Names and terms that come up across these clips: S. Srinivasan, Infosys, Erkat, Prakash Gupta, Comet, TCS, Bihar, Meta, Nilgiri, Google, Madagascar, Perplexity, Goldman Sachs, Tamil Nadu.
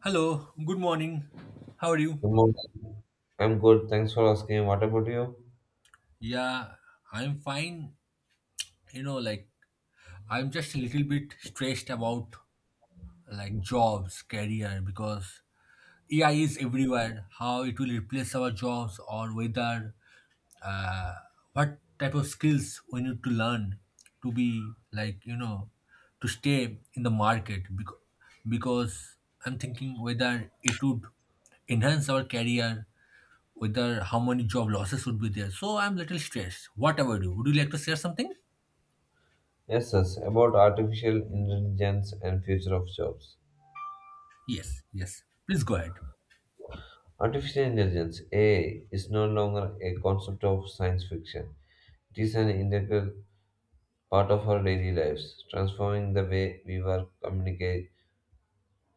Hello, good morning. How are you? Good morning. I'm good. Thanks for asking. What about you? Yeah, I'm fine. Like I'm just a little bit stressed about like jobs, career because AI is everywhere. How it will replace our jobs or whether uh, what type of skills we need to learn to be like to stay in the market because I'm thinking whether it would enhance our career, whether how many job losses would be there. So I'm little stressed. What about you? Would you like to share something? Yes, yes. About artificial intelligence and future of jobs. Yes, yes. Please go ahead. Artificial intelligence (AI) is no longer a concept of science fiction. It is an integral part of our daily lives, transforming the way we work, communicate,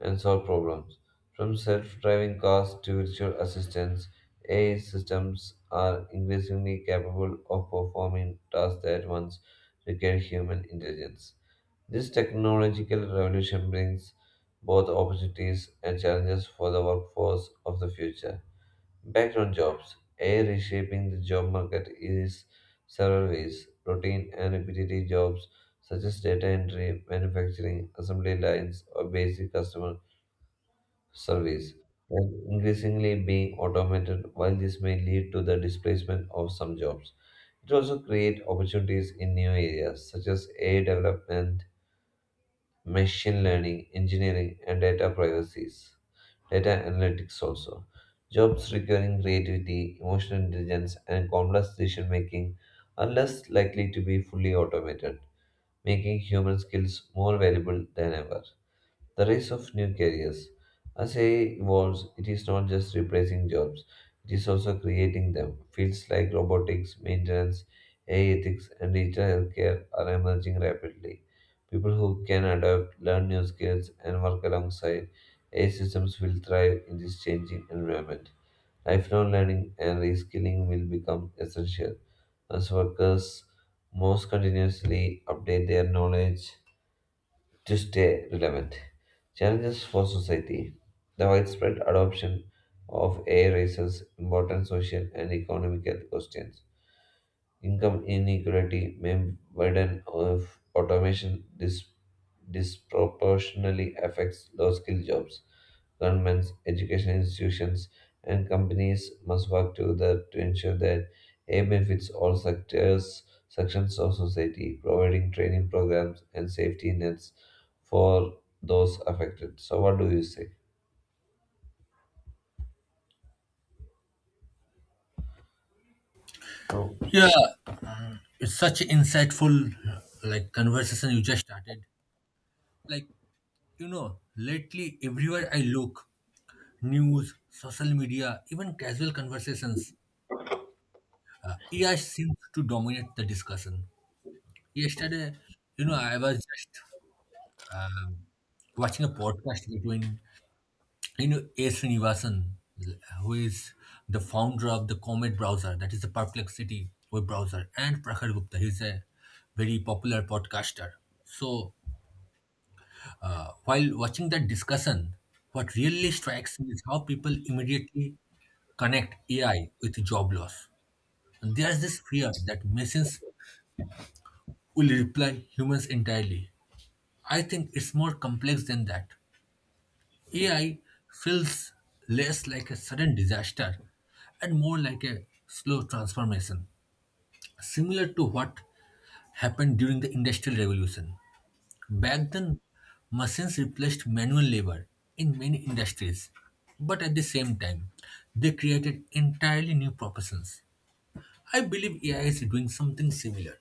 and solve problems. From self-driving cars to virtual assistants, AI systems are increasingly capable of performing tasks that once required human intelligence. This technological revolution brings both opportunities and challenges for the workforce of the future. Background jobs AI reshaping the job market is several ways. Routine and repetitive jobs such as data entry, manufacturing, assembly lines, or basic customer service are increasingly being automated while this may lead to the displacement of some jobs. It also creates opportunities in new areas such as AI development machine learning, engineering, and data privacies, data analytics also. Jobs requiring creativity, emotional intelligence, and complex decision making are less likely to be fully automated, making human skills more valuable than ever. The rise of new careers. As AI evolves, it is not just replacing jobs, it is also creating them. Fields like robotics, maintenance, AI ethics, and digital healthcare are emerging rapidly. People who can adapt, learn new skills, and work alongside AI systems will thrive in this changing environment. Lifelong learning and reskilling will become essential as workers most continuously update their knowledge to stay relevant. Challenges for society. The widespread adoption of AI raises important social and economical questions. Income inequality may widen if automation disproportionately affects low skilled jobs. Governments, education institutions, and companies must work together to ensure that AI benefits all sectors, sections of society, providing training programs and safety nets for those affected. So, what do you say? So, Yeah, it's such insightful like conversation you just started. Like lately everywhere I look, news, social media, even casual conversations, AI seems to dominate the discussion. Yesterday, I was just um, watching a podcast between S. Srinivasan, who is the founder of the Comet browser, that is the Perplexity web browser, and Prakash Gupta. He's a very popular podcaster. So while watching that discussion, what really strikes me is how people immediately connect AI with job loss. And there's this fear that machines will replace humans entirely. I think it's more complex than that. AI feels less like a sudden disaster and more like a slow transformation, similar to what happened during the Industrial Revolution. Back then, machines replaced manual labor in many industries, but at the same time, they created entirely new professions. I believe AI is doing something similar,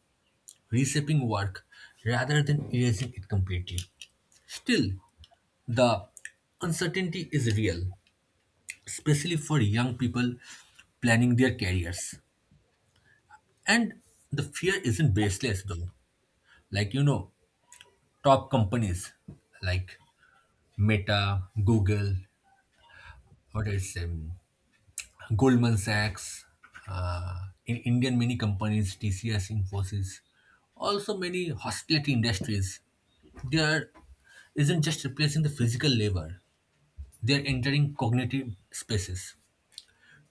reshaping work rather than erasing it completely. Still, the uncertainty is real, especially for young people planning their careers. And the fear isn't baseless though. Like, top companies like Meta, Google, what else, Goldman Sachs, in Indian many companies, TCS, Infosys, also many hospitality industries, they are isn't just replacing the physical labor, they are entering cognitive spaces.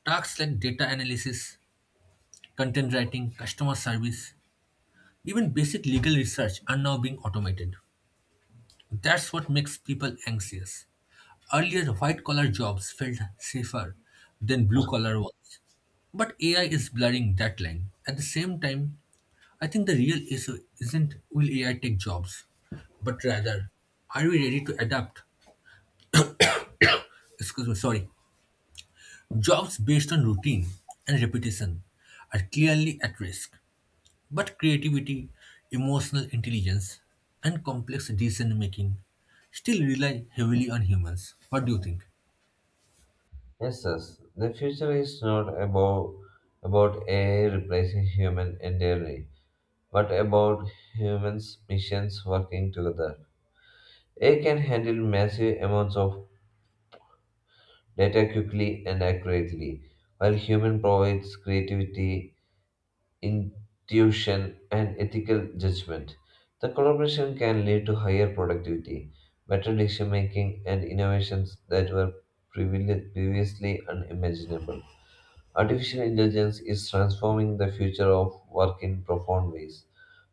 Tasks like data analysis, content writing, customer service, even basic legal research are now being automated. That's what makes people anxious. Earlier, white collar jobs felt safer than blue collar ones. But AI is blurring that line. At the same time, I think the real issue isn't will AI take jobs, but rather, are we ready to adapt? Excuse me, sorry. Jobs based on routine and repetition are clearly at risk. But creativity, emotional intelligence, and complex decision making still rely heavily on humans. What do you think? yes, yes. The future is not about AI replacing human entirely. What about humans' missions working together? AI can handle massive amounts of data quickly and accurately, while human provides creativity, intuition, and ethical judgment. The collaboration can lead to higher productivity, better decision making, and innovations that were previously unimaginable. Artificial intelligence is transforming the future of work in profound ways.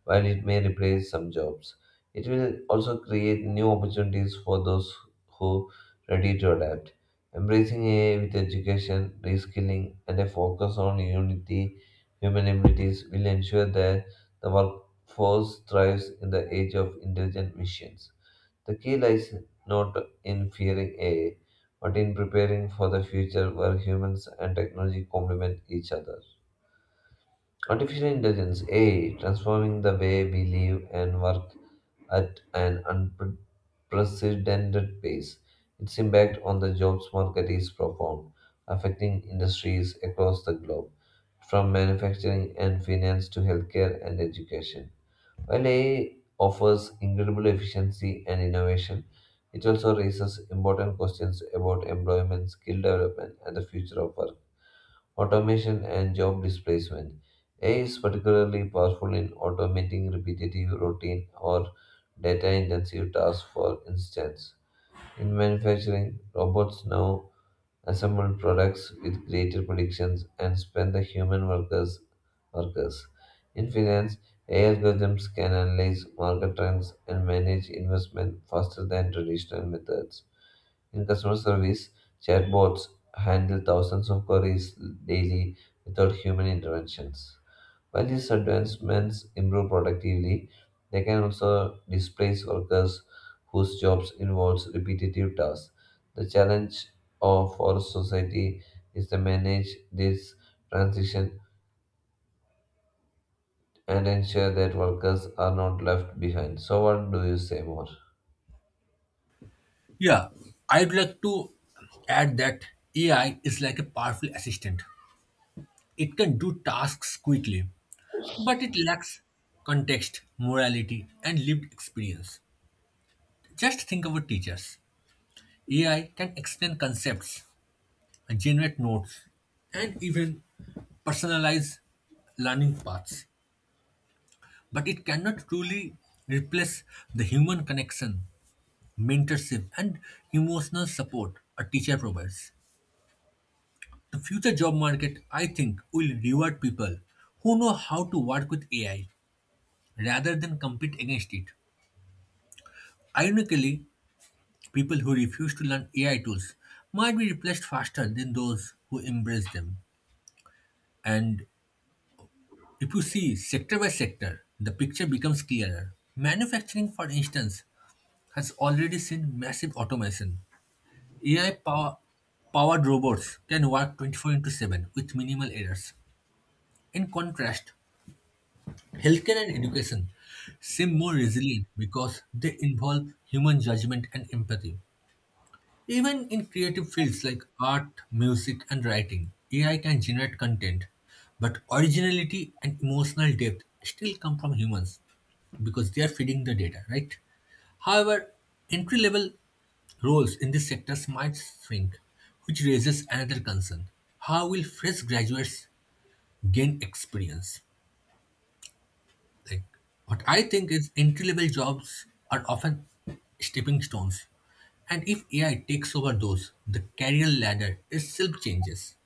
While it may replace some jobs, it will also create new opportunities for those who are ready to adapt. Embracing AI with education, reskilling, and a focus on unity, human abilities will ensure that the workforce thrives in the age of intelligent machines. The key lies not in fearing AI, but in preparing for the future where humans and technology complement each other. Artificial intelligence AI transforming the way we live and work at an unprecedented pace. Its impact on the jobs market is profound, affecting industries across the globe, from manufacturing and finance to healthcare and education. While AI offers incredible efficiency and innovation, it also raises important questions about employment, skill development, and the future of work. Automation and job displacement. AI is particularly powerful in automating repetitive, routine, or data intensive tasks, for instance. In manufacturing, robots now assemble products with greater predictions, and spend the human workers. In finance, AI algorithms can analyze market trends and manage investment faster than traditional methods. In customer service, chatbots handle thousands of queries daily without human interventions. While these advancements improve productivity, they can also displace workers whose jobs involves repetitive tasks. The challenge of for society is to manage this transition and ensure that workers are not left behind. So what do you say more? Yeah, I'd like to add that AI is like a powerful assistant. It can do tasks quickly, but it lacks context, morality, and lived experience. Just think about teachers. AI can explain concepts, generate notes, and even personalize learning paths, but it cannot truly replace the human connection, mentorship, and emotional support a teacher provides. The future job market, I think, will reward people who know how to work with AI rather than compete against it. Ironically, people who refuse to learn AI tools might be replaced faster than those who embrace them. And if you see sector by sector, the picture becomes clearer. Manufacturing, for instance, has already seen massive automation. AI powered robots can work 24 into 7 with minimal errors. In contrast, healthcare and education seem more resilient because they involve human judgment and empathy. Even in creative fields like art, music, and writing, AI can generate content, but originality and emotional depth still come from humans because they are feeding the data, right? However, entry level roles in these sectors might shrink, which raises another concern. How will fresh graduates gain experience? Like, what I think is entry-level jobs are often stepping stones. And if AI takes over those, the career ladder itself changes.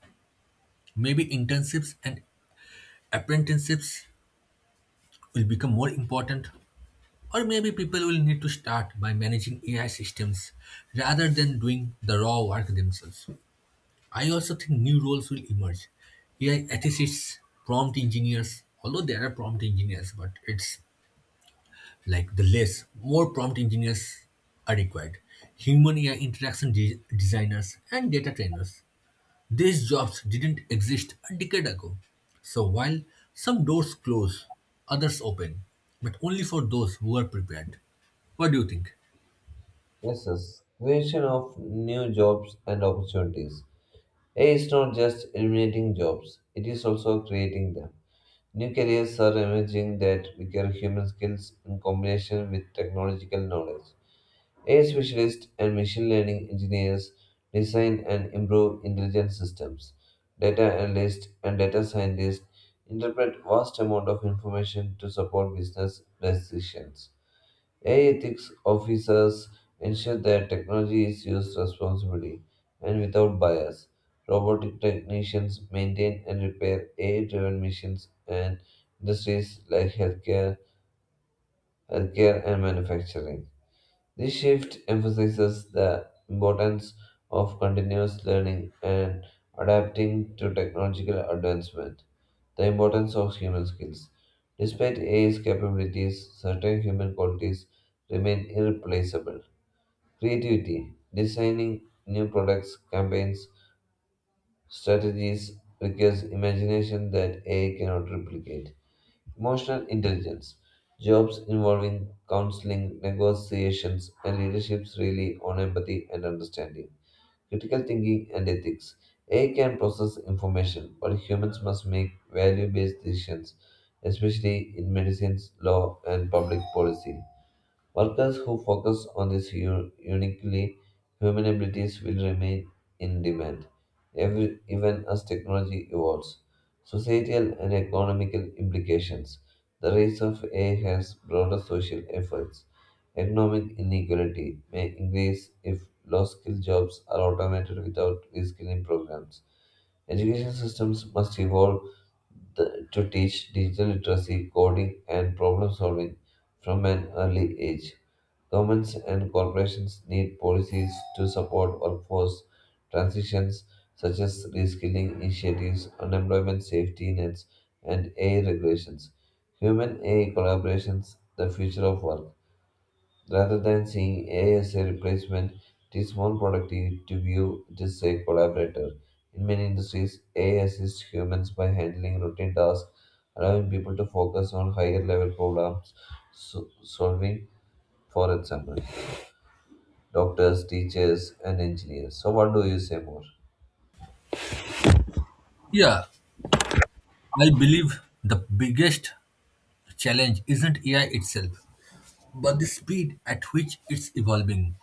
Maybe internships and apprenticeships will become more important, or maybe people will need to start by managing AI systems rather than doing the raw work themselves. I also think new roles will emerge. AI ethicists, prompt engineers, although there are prompt engineers, but it's like the less, more prompt engineers are required. Human AI interaction designers and data trainers. These jobs didn't exist a decade ago. So while some doors close, others open, but only for those who are prepared. What do you think? Yes, yes. Creation of new jobs and opportunities. AI is not just eliminating jobs, it is also creating them. New careers are emerging that require human skills in combination with technological knowledge. AI specialists and machine learning engineers design and improve intelligent systems. Data analysts and data scientists interpret vast amount of information to support business decisions. AI ethics officers ensure that technology is used responsibly and without bias. Robotic technicians maintain and repair AI-driven missions and industries like healthcare and manufacturing. This shift emphasizes the importance of continuous learning and adapting to technological advancement, the importance of human skills. Despite AI's capabilities, certain human qualities remain irreplaceable. Creativity, designing new products, campaigns, strategies requires imagination that AI cannot replicate. Emotional intelligence. Jobs involving counseling, negotiations, and leaderships rely on empathy and understanding. Critical thinking and ethics. AI can process information, but humans must make value based decisions, especially in medicines, law, and public policy. Workers who focus on these uniquely human abilities will remain in demand, even as technology evolves. Societal and economical implications. The rise of AI has broader social effects. Economic inequality may increase if low-skill jobs are automated without reskilling programs. Education systems must evolve to teach digital literacy, coding, and problem solving from an early age. Governments and corporations need policies to support workforce transitions such as reskilling initiatives, unemployment safety nets, and AI regulations. Human AI collaborations, the future of work. Rather than seeing AI as a replacement, it is more productive to view it as a collaborator. In many industries, AI assists humans by handling routine tasks, allowing people to focus on higher level problems solving, for example, doctors, teachers, and engineers. So, what do you say more? Yeah, I believe the biggest challenge isn't AI itself, but the speed at which it's evolving.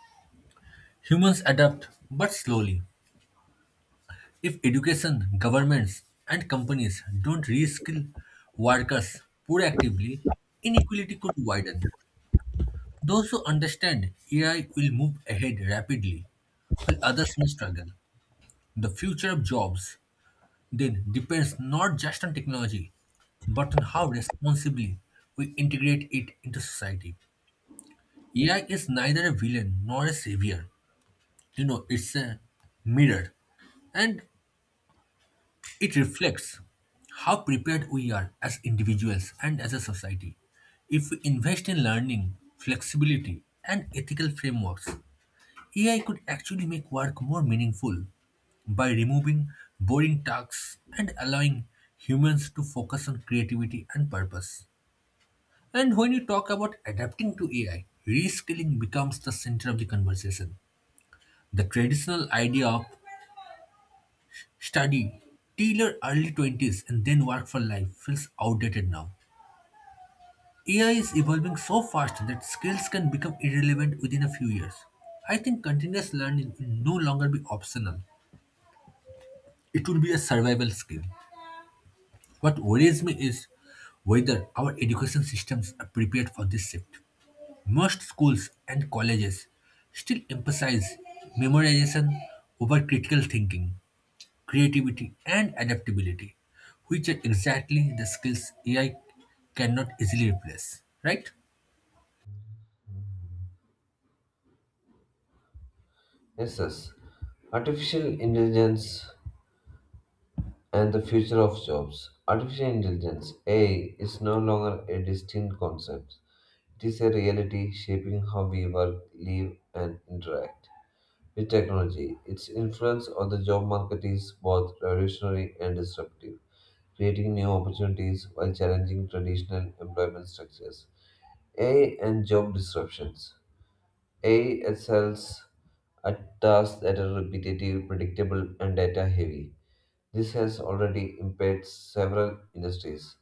Humans adapt, but slowly. If education, governments, and companies don't reskill workers proactively, inequality could widen. Those who understand AI will move ahead rapidly, while others may struggle. The future of jobs then depends not just on technology, but on how responsibly we integrate it into society. AI is neither a villain nor a savior. It's a mirror, and it reflects how prepared we are as individuals and as a society. If we invest in learning, flexibility, and ethical frameworks, AI could actually make work more meaningful by removing boring tasks and allowing humans to focus on creativity and purpose. And when you talk about adapting to AI, reskilling becomes the center of the conversation. The traditional idea of study till your early 20s and then work for life feels outdated now. AI is evolving so fast that skills can become irrelevant within a few years. I think continuous learning will no longer be optional. It will be a survival skill. What worries me is whether our education systems are prepared for this shift. Most schools and colleges still emphasize memorization over critical thinking, creativity, and adaptability, which are exactly the skills AI cannot easily replace, right? Yes, yes. Artificial intelligence and the future of jobs. Artificial intelligence, AI, is no longer a distinct concept. It is a reality shaping how we work, live, and interact. With technology, its influence on the job market is both revolutionary and disruptive, creating new opportunities while challenging traditional employment structures. AI and job disruptions. AI excels at tasks that are repetitive, predictable, and data heavy. This has already impaired several industries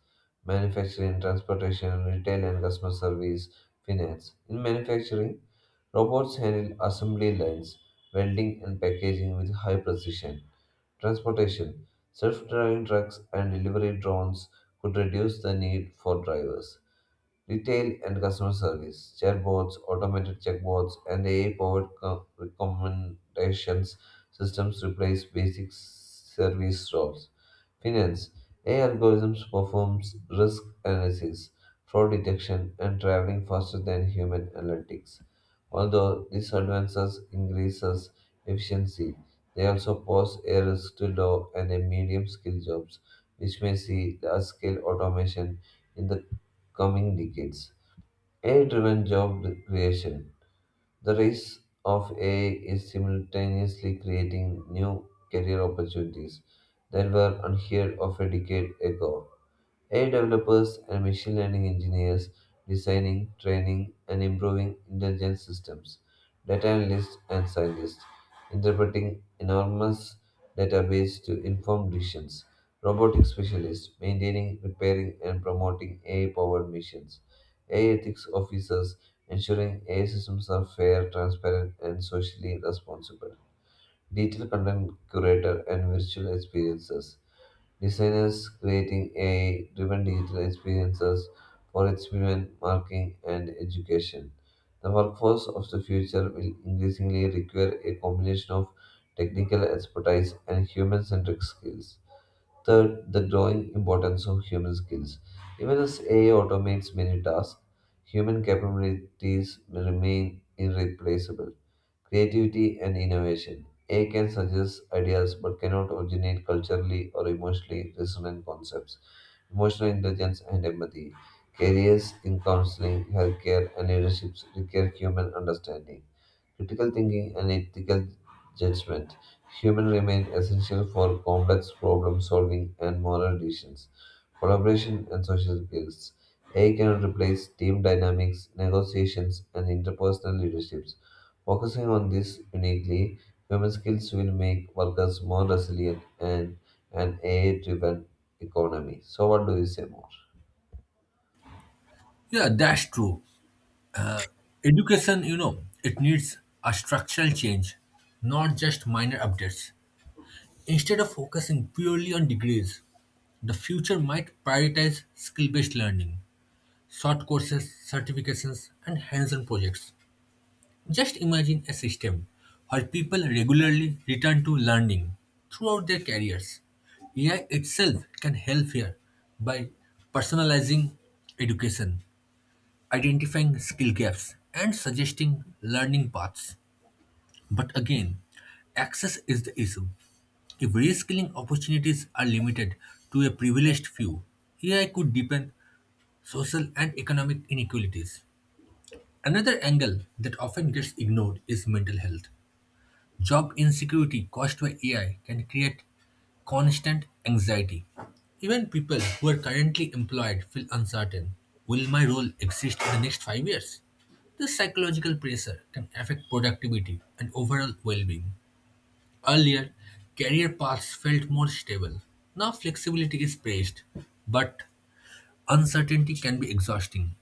manufacturing, transportation, retail and customer service, finance. In manufacturing, robots handle assembly lines, welding, and packaging with high precision. Transportation self driving trucks and delivery drones could reduce the need for drivers. Retail and customer service chatbots, automated checkbots, and AI powered recommendations systems replace basic service roles. Finance AI algorithms performs risk analysis, fraud detection, and traveling faster than human analytics. Although these advances increases efficiency, they also pose a risk to low and a medium skill jobs, which may see large scale automation in the coming decades. AI driven job creation. The rise of AI is simultaneously creating new career opportunities that were unheard of a decade ago. AI developers and machine learning engineers designing, training, and improving intelligent systems, data analysts and scientists interpreting enormous database to inform decisions, robotic specialists maintaining, repairing, and promoting AI-powered missions, AI ethics officers ensuring AI systems are fair, transparent, and socially responsible digital content curator, and virtual experiences. Designers creating AI driven digital experiences for entertainment, marketing, and education. The workforce of the future will increasingly require a combination of technical expertise and human centric skills. Third, the growing importance of human skills. Even as AI automates many tasks, human capabilities remain irreplaceable. Creativity and innovation. AI can suggest ideas but cannot originate culturally or emotionally resonant concepts. Emotional intelligence and empathy. Careers in counseling, healthcare, and leadership require human understanding. Critical thinking and ethical judgment. Humans remain essential for complex problem solving and moral decisions collaboration, and social skills. AI cannot replace team dynamics, negotiations, and interpersonal leaderships. Focusing on this uniquely, human skills will make workers more resilient and an AI driven economy. So, what do you say more? Yeah, that's true. Education, it needs a structural change, not just minor updates. Instead of focusing purely on degrees, the future might prioritize skill based learning, short courses, certifications, and hands on projects. Just imagine a system where people regularly return to learning throughout their careers. AI itself can help here by personalizing education, identifying skill gaps, and suggesting learning paths. But again, access is the issue. If reskilling opportunities are limited to a privileged few, AI could deepen social and economic inequalities. Another angle that often gets ignored is mental health. Job insecurity caused by AI can create constant anxiety. Even people who are currently employed feel uncertain. Will my role exist in the next 5 years? This psychological pressure can affect productivity and overall well being. Earlier, career paths felt more stable. Now, flexibility is praised, but uncertainty can be exhausting.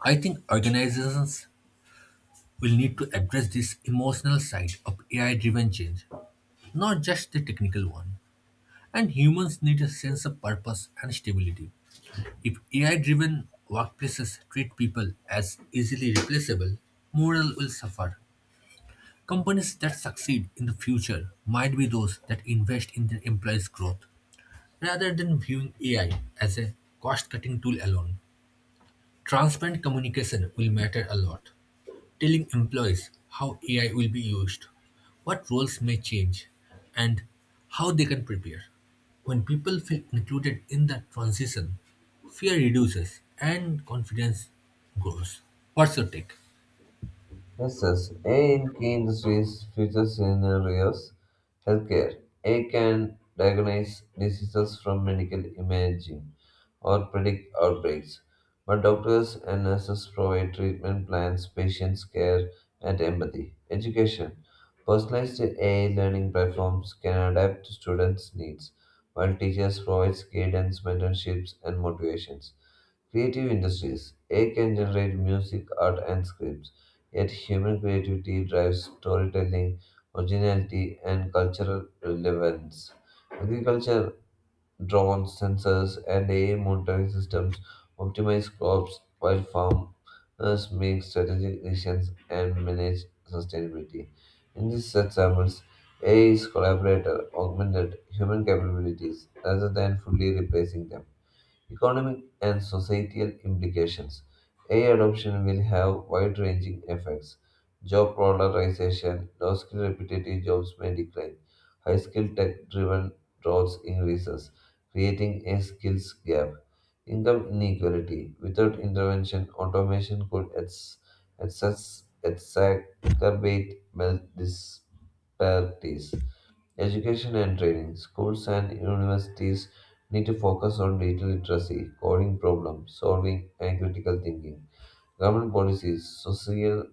I think organizations will need to address this emotional side of AI driven change, not just the technical one. And humans need a sense of purpose and stability. If AI driven workplaces treat people as easily replaceable, morale will suffer. Companies that succeed in the future might be those that invest in their employees' growth rather than viewing AI as a cost cutting tool alone. Transparent communication will matter a lot, telling employees how AI will be used, what roles may change, and how they can prepare. When people feel included in that transition, fear reduces and confidence grows. What's your take? Yes, yes. AI in key industries, future scenarios, healthcare. AI can diagnose diseases from medical imaging, or predict outbreaks, but doctors and nurses provide treatment plans, patients care, and empathy. Education personalized AI learning platforms can adapt to students' needs, while teachers provide guidance, mentorships, and motivations. Creative industries AI can generate music, art, and scripts, yet human creativity drives storytelling, originality, and cultural relevance. Agriculture drones, sensors, and AI monitoring systems optimize crops while farmers make strategic decisions and manage sustainability. In these examples, AI is collaborator, augmented human capabilities rather than fully replacing them. Economic and societal implications AI adoption will have wide ranging effects. Job polarization, low skill repetitive jobs may decline, high skill tech driven roles increases, creating a skills gap. Income inequality without intervention, automation could exacerbate wealth disparities. Education and training. Schools and universities need to focus on digital literacy, coding problem solving, and critical thinking. Government policies, social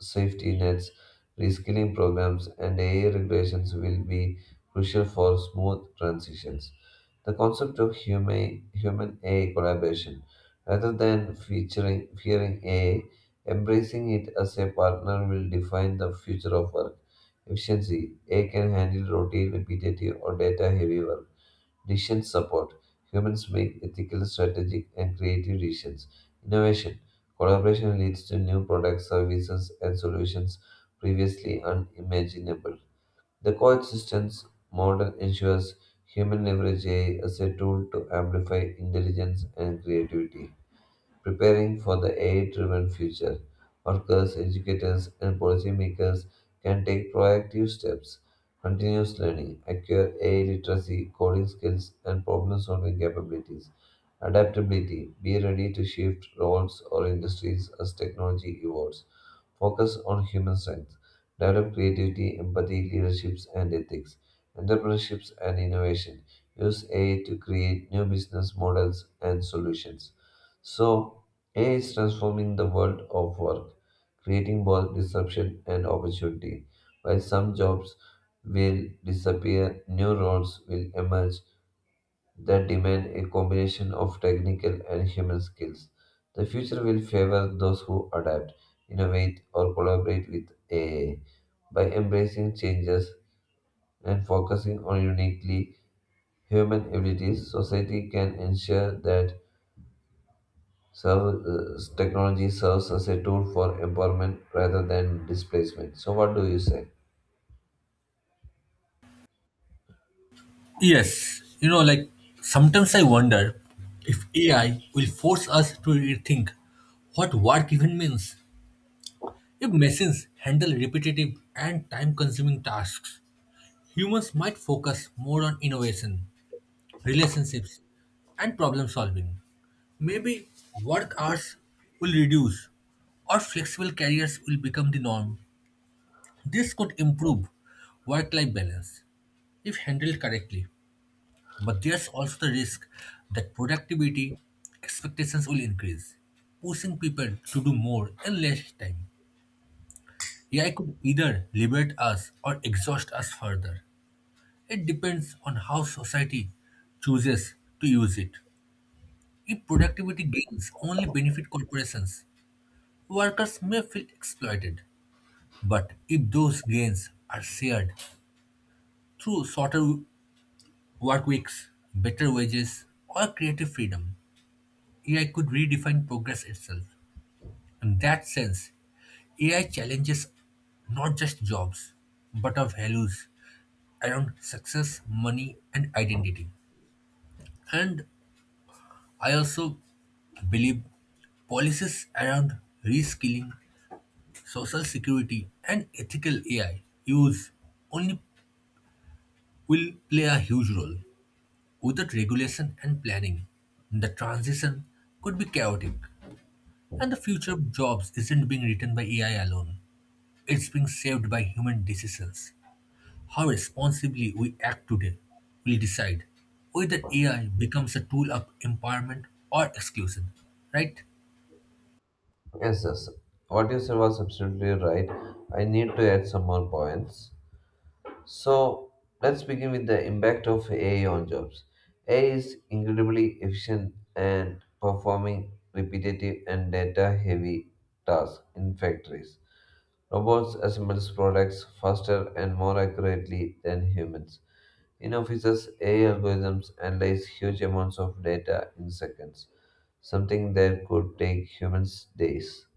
safety nets, reskilling programs, and AI regulations will be crucial for smooth transitions. The concept of human human A collaboration, rather than featuring fearing A, embracing it as a partner will define the future of work. Efficiency A can handle routine, repetitive, or data heavy work. Decision support humans make ethical, strategic, and creative decisions. Innovation collaboration leads to new products, services, and solutions previously unimaginable. The coexistence model ensures human leverage AI as a tool to amplify intelligence and creativity. Preparing for the AI driven future, workers, educators, and policymakers can take proactive steps. Continuous learning, acquire AI literacy, coding skills, and problem solving capabilities. Adaptability, be ready to shift roles or industries as technology evolves. Focus on human strengths. Develop creativity, empathy, leaderships, and ethics. Entrepreneurships and innovation. Use AI to create new business models and solutions. So, AI is transforming the world of work, creating both disruption and opportunity. While some jobs will disappear, new roles will emerge that demand a combination of technical and human skills. The future will favor those who adapt, innovate, or collaborate with AI. By embracing changes and focusing on uniquely human abilities, society can ensure that technology serves as a tool for empowerment rather than displacement. So, what do you say? Yes, like sometimes I wonder if AI will force us to rethink what work even means. If machines handle repetitive and time consuming tasks, humans might focus more on innovation, relationships, and problem solving. Maybe work hours will reduce or flexible careers will become the norm. This could improve work life balance if handled correctly. But there's also the risk that productivity expectations will increase, pushing people to do more in less time. AI could either liberate us or exhaust us further. It depends on how society chooses to use it. If productivity gains only benefit corporations, workers may feel exploited. But if those gains are shared through shorter work weeks, better wages, or creative freedom, AI could redefine progress itself. In that sense, AI challenges not just jobs, but our values around success, money, and identity. And I also believe policies around reskilling, social security, and ethical AI use only will play a huge role. Without regulation and planning, the transition could be chaotic, and the future of jobs isn't being written by AI alone. It's being saved by human decisions. How responsibly we act today will decide whether AI becomes a tool of empowerment or exclusion, right? Yes, yes. What you said was absolutely right. I need to add some more points. So let's begin with the impact of AI on jobs. AI is incredibly efficient and performing repetitive and data heavy tasks in factories. Robots assemble products faster and more accurately than humans. In offices, AI algorithms analyze huge amounts of data in seconds, something that could take humans days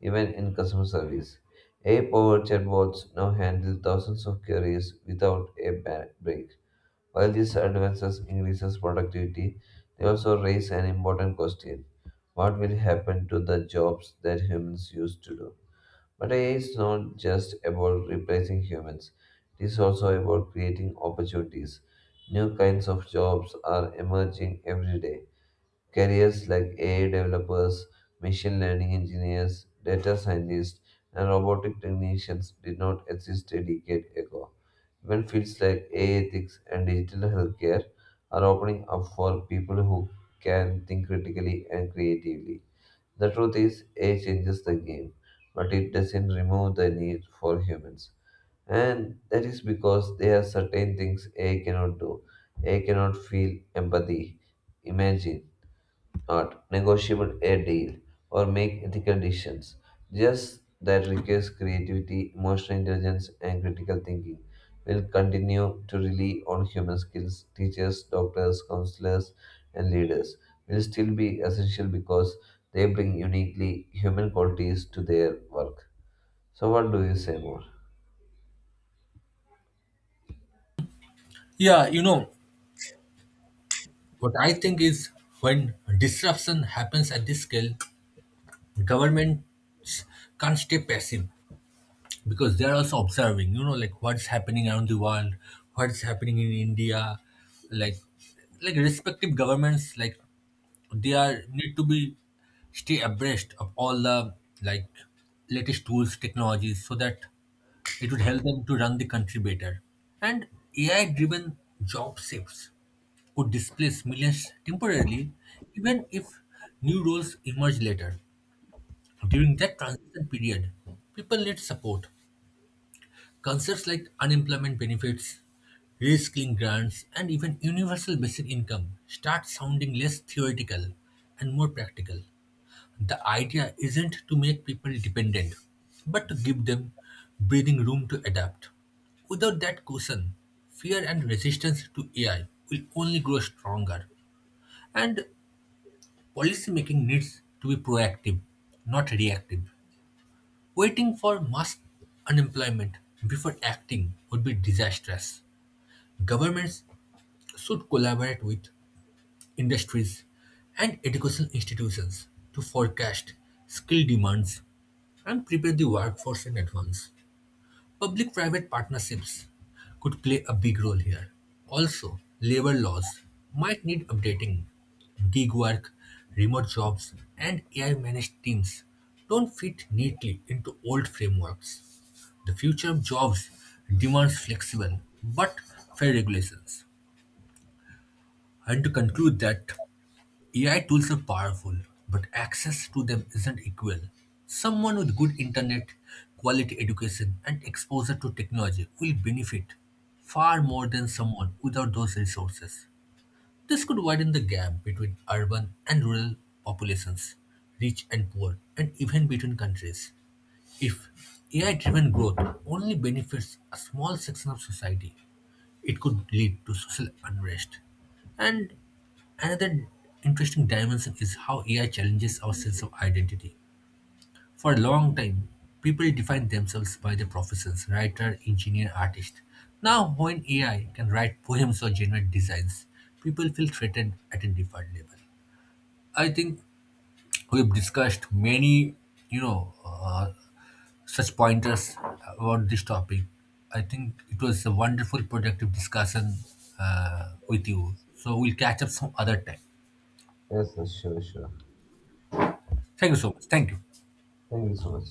even in customer service. AI-powered chatbots now handle thousands of queries without a break. While these advances increases productivity, they also raise an important question. What will happen to the jobs that humans used to do? But AI is not just about replacing humans. It is also about creating opportunities. New kinds of jobs are emerging every day. Careers like AI developers, machine learning engineers, data scientists, and robotic technicians did not exist a decade ago. Even fields like AI ethics and digital healthcare are opening up for people who can think critically and creatively. The truth is, AI changes the game, but it doesn't remove the need for humans. And that is because there are certain things AI cannot do. AI cannot feel empathy, imagine, not negotiable a deal or make ethical decisions. Just that requires creativity, emotional intelligence, and critical thinking. We'll continue to rely on human skills, teachers, doctors, counselors, and leaders. Will still be essential because they bring uniquely human qualities to their work. So, what do you say more? Yeah, what I think is when disruption happens at this scale, governments can't stay passive because they're also observing, like what's happening around the world, what's happening in India, like like respective governments, like they are need to be stay abreast of all the like latest tools, technologies, so that it would help them to run the country better. And AI-driven job shifts could displace millions temporarily, even if new roles emerge later. During that transition period, people need support. Concepts like unemployment benefits, reskilling grants, and even universal basic income start sounding less theoretical and more practical. The idea isn't to make people dependent, but to give them breathing room to adapt. Without that cushion, fear and resistance to AI will only grow stronger. And policymaking needs to be proactive, not reactive. Waiting for mass unemployment before acting would be disastrous. Governments should collaborate with industries and educational institutions to forecast skill demands and prepare the workforce in advance. Public-private partnerships could play a big role here. Also, labor laws might need updating. Gig work, remote jobs, and AI-managed teams don't fit neatly into old frameworks. The future of jobs demands flexible but fair regulations. And to conclude that AI tools are powerful, but access to them isn't equal. Someone with good internet, quality education, and exposure to technology will benefit far more than someone without those resources. This could widen the gap between urban and rural populations, rich and poor, and even between countries. If AI driven growth only benefits a small section of society, it could lead to social unrest. And another interesting dimension is how AI challenges our sense of identity. For a long time, people defined themselves by their professions: writer, engineer, artist. Now, when AI can write poems or generate designs, people feel threatened at a different level. I think we've discussed many, you know, uh, such pointers about this topic. I think it was a wonderful, productive discussion with you. So we'll catch up some other time. Yes, yes, sure, sure. Thank you so much. Thank you. Thank you so much.